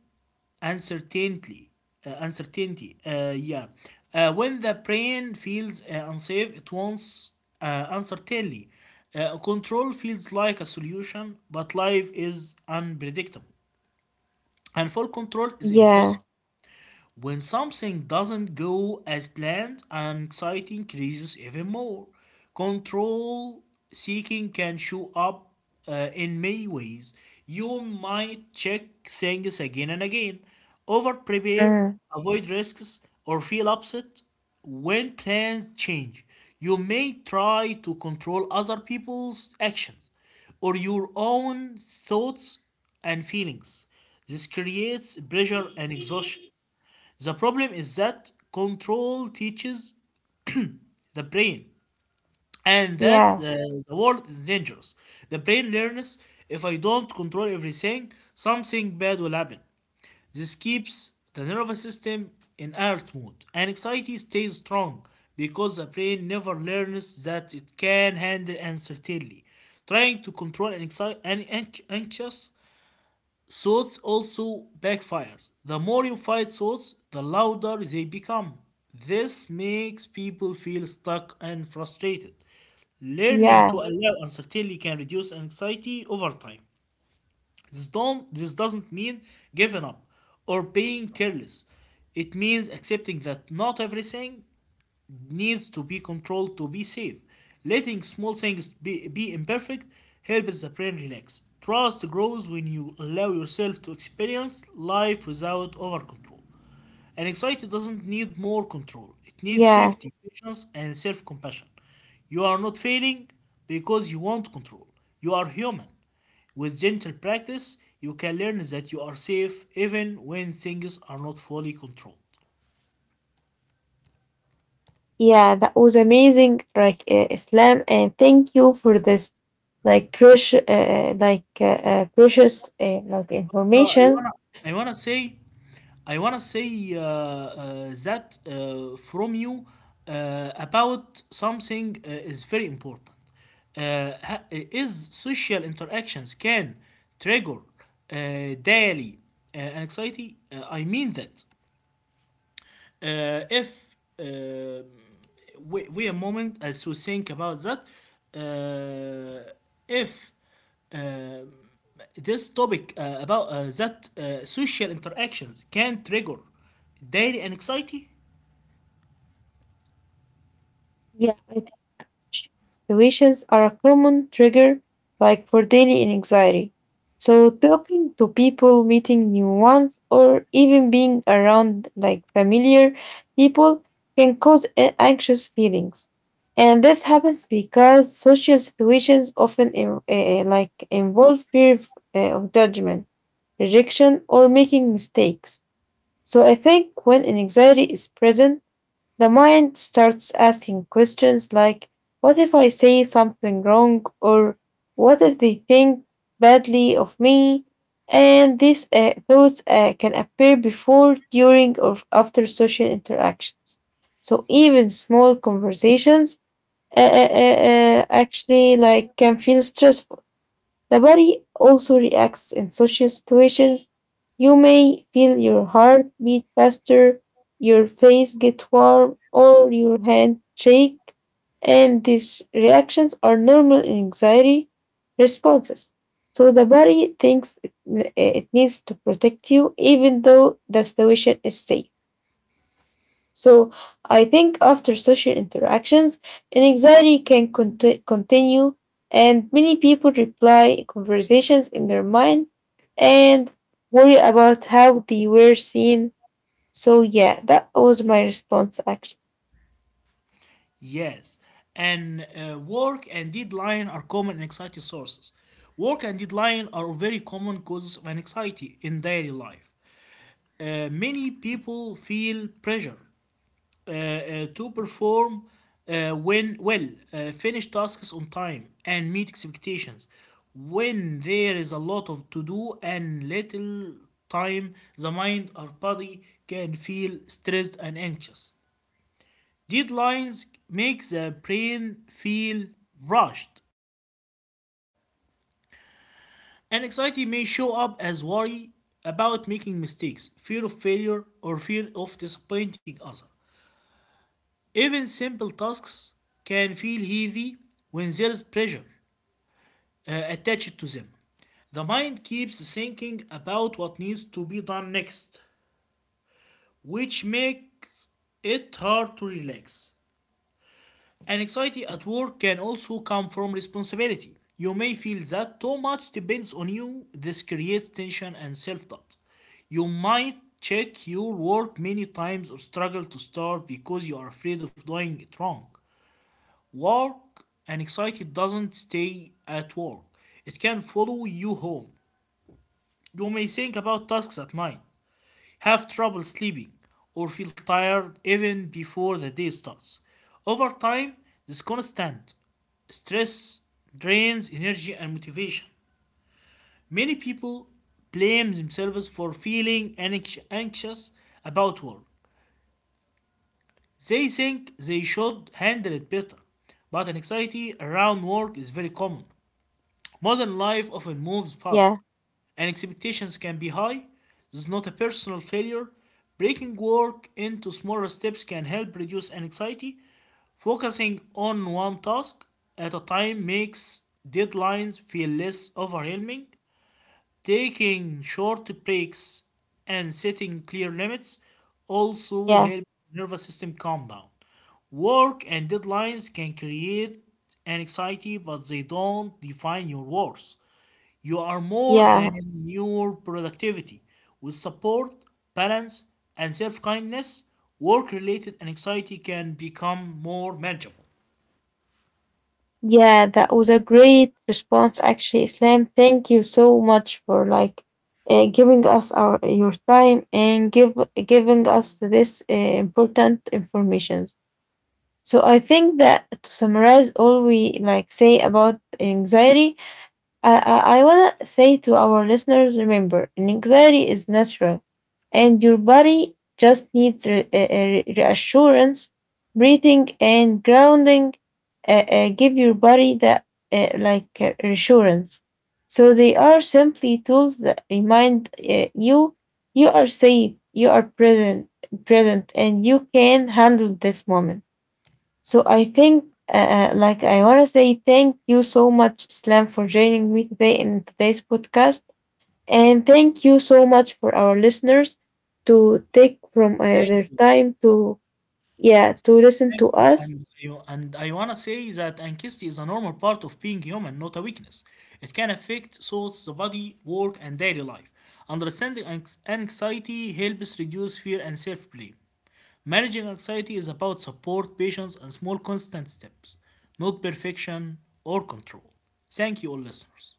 Speaker 2: uncertainty uh, uncertainty uh, yeah uh, when the brain feels uh, unsafe, it wants uh, uncertainty uh, Control feels like a solution, but life is unpredictable and full control is
Speaker 1: Yeah.
Speaker 2: impossible. When something doesn't go as planned, anxiety increases even more. Control seeking can show up uh, in many ways. You might check things again and again, over prepare,
Speaker 1: Mm,
Speaker 2: avoid risks, or feel upset when plans change. You may try to control other people's actions or your own thoughts and feelings. This creates pressure and exhaustion. The problem is that control teaches the brain, and that uh,
Speaker 1: yeah.
Speaker 2: the world is dangerous. The brain learns, if I don't control everything, something bad will happen. This keeps the nervous system in alert mode, and anxiety stays strong because the brain never learns that it can handle uncertainty. Trying to control an anxi- an anx- anxious Swords also backfires. The more you fight swords, the louder they become. This makes people feel stuck and frustrated. Learning to
Speaker 1: Yeah.
Speaker 2: allow uncertainty can reduce anxiety over time. This don't this doesn't mean giving up or being careless. It means accepting that not everything needs to be controlled to be safe. Letting small things be, be imperfect helps the brain relax. Trust grows when you allow yourself to experience life without over control. An anxiety doesn't need more control, it needs
Speaker 1: Yeah.
Speaker 2: safety, patience, and self compassion. You are not failing because you want control. You are human. With gentle practice, you can learn that you are safe even when things are not fully controlled.
Speaker 1: Yeah. That was amazing. Like uh, Islam, and thank you for this, like precious, uh, uh, like uh, uh, precious, uh, like
Speaker 2: But, uh, I
Speaker 1: information.
Speaker 2: wanna I wanna say I wanna say uh, uh, that uh, from you uh, about something uh, is very important. Uh, ha- is social interactions can trigger uh, daily uh, anxiety? Uh, I mean that uh, if uh, we, we a moment as to think about that uh, if uh, this topic uh, about uh, that uh, social interactions can trigger daily anxiety.
Speaker 1: Yeah, I. Situations are a common trigger, like for daily anxiety. So, talking to people, meeting new ones, or even being around like familiar people can cause a- anxious feelings. And this happens because social situations often in- eh, eh, like involve fear of, eh, of judgment, rejection, or making mistakes. So I think when anxiety is present, the mind starts asking questions like, what if I say something wrong? Or what if they think badly of me? And these uh, thoughts uh, can appear before, during, or after social interactions. So even small conversations uh, uh, uh, uh, actually like can feel stressful. The body also reacts in social situations. You may feel your heart beat faster, your face get warm, or your hand shake, and these reactions are normal anxiety responses. So the body thinks it it needs to protect you even though the situation is safe. So I think after social interactions, anxiety can conti- continue, and many people reply conversations in their mind and worry about how they were seen. So yeah, that was my response actually.
Speaker 2: Yes. And uh, work and deadline are common anxiety sources. Work and deadline are very common causes of anxiety in daily life. Uh, Many people feel pressure uh, uh, to perform uh, when well, uh, finish tasks on time and meet expectations. When there is a lot of to do and little time, the mind or body can feel stressed and anxious. Deadlines make the brain feel rushed, and anxiety may show up as worry about making mistakes, fear of failure, or fear of disappointing others. Even simple tasks can feel heavy when there is pressure uh, attached to them. The mind keeps thinking about what needs to be done next, which makes it hard to relax. Anxiety at work can also come from responsibility. You may feel that too much depends on you. This creates tension and self doubt. You might check your work many times or struggle to start because you are afraid of doing it wrong. Work and anxiety doesn't stay at work. It can follow you home. You may think about tasks at night, have trouble sleeping, or feel tired even before the day starts. Over time, this constant stress drains energy and motivation. Many people blame themselves for feeling anxious about work. They think they should handle it better, but anxiety around work is very common. Modern life
Speaker 1: Yeah,
Speaker 2: often moves fast, and expectations can be high. This is not a personal failure. Breaking work into smaller steps can help reduce anxiety. Focusing on one task at a time makes deadlines feel less overwhelming. Taking short breaks and setting clear limits also
Speaker 1: yeah,
Speaker 2: help the nervous system calm down. Work and deadlines can create anxiety, but they don't define your worth. You are more than
Speaker 1: yeah,
Speaker 2: your productivity. With support, balance, and self kindness, work related anxiety can become more manageable.
Speaker 1: yeah. That was a great response actually, Islam. Thank you so much for like uh, giving us our your time and give giving us this uh, important information. So I think that to summarize all we like say about anxiety, I I, I wanna say to our listeners: remember, anxiety is natural, and your body just needs re- uh, uh, reassurance, breathing, and grounding. Uh, uh, give your body that uh, like uh, reassurance. So they are simply tools that remind uh, you you are safe, you are present, present, and you can handle this moment. So I think, uh, uh, like, I want to say thank you so much, Islam, for joining me today in today's podcast. And thank you so much for our listeners to take from uh,
Speaker 2: Thank
Speaker 1: their
Speaker 2: you.
Speaker 1: time to, yeah, to listen
Speaker 2: Thank
Speaker 1: to
Speaker 2: you.
Speaker 1: us.
Speaker 2: And, you, and I want to say that anxiety is a normal part of being human, not a weakness. It can affect thoughts, the body, work, and daily life. Understanding anx- anxiety helps reduce fear and self blame. Managing anxiety is about support, patience, and small constant steps, not perfection or control. Thank you, all listeners.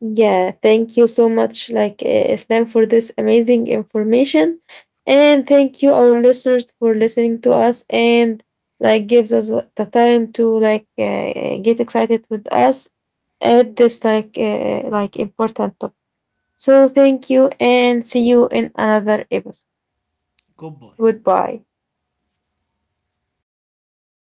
Speaker 1: Yeah, thank you so much, like, uh, Islam, for this amazing information. And thank you, our listeners, for listening to us and, like, gives us the time to, like, uh, get excited with us add this like uh, like important topic. So thank you and see you in another episode.
Speaker 2: Goodbye.
Speaker 1: Goodbye.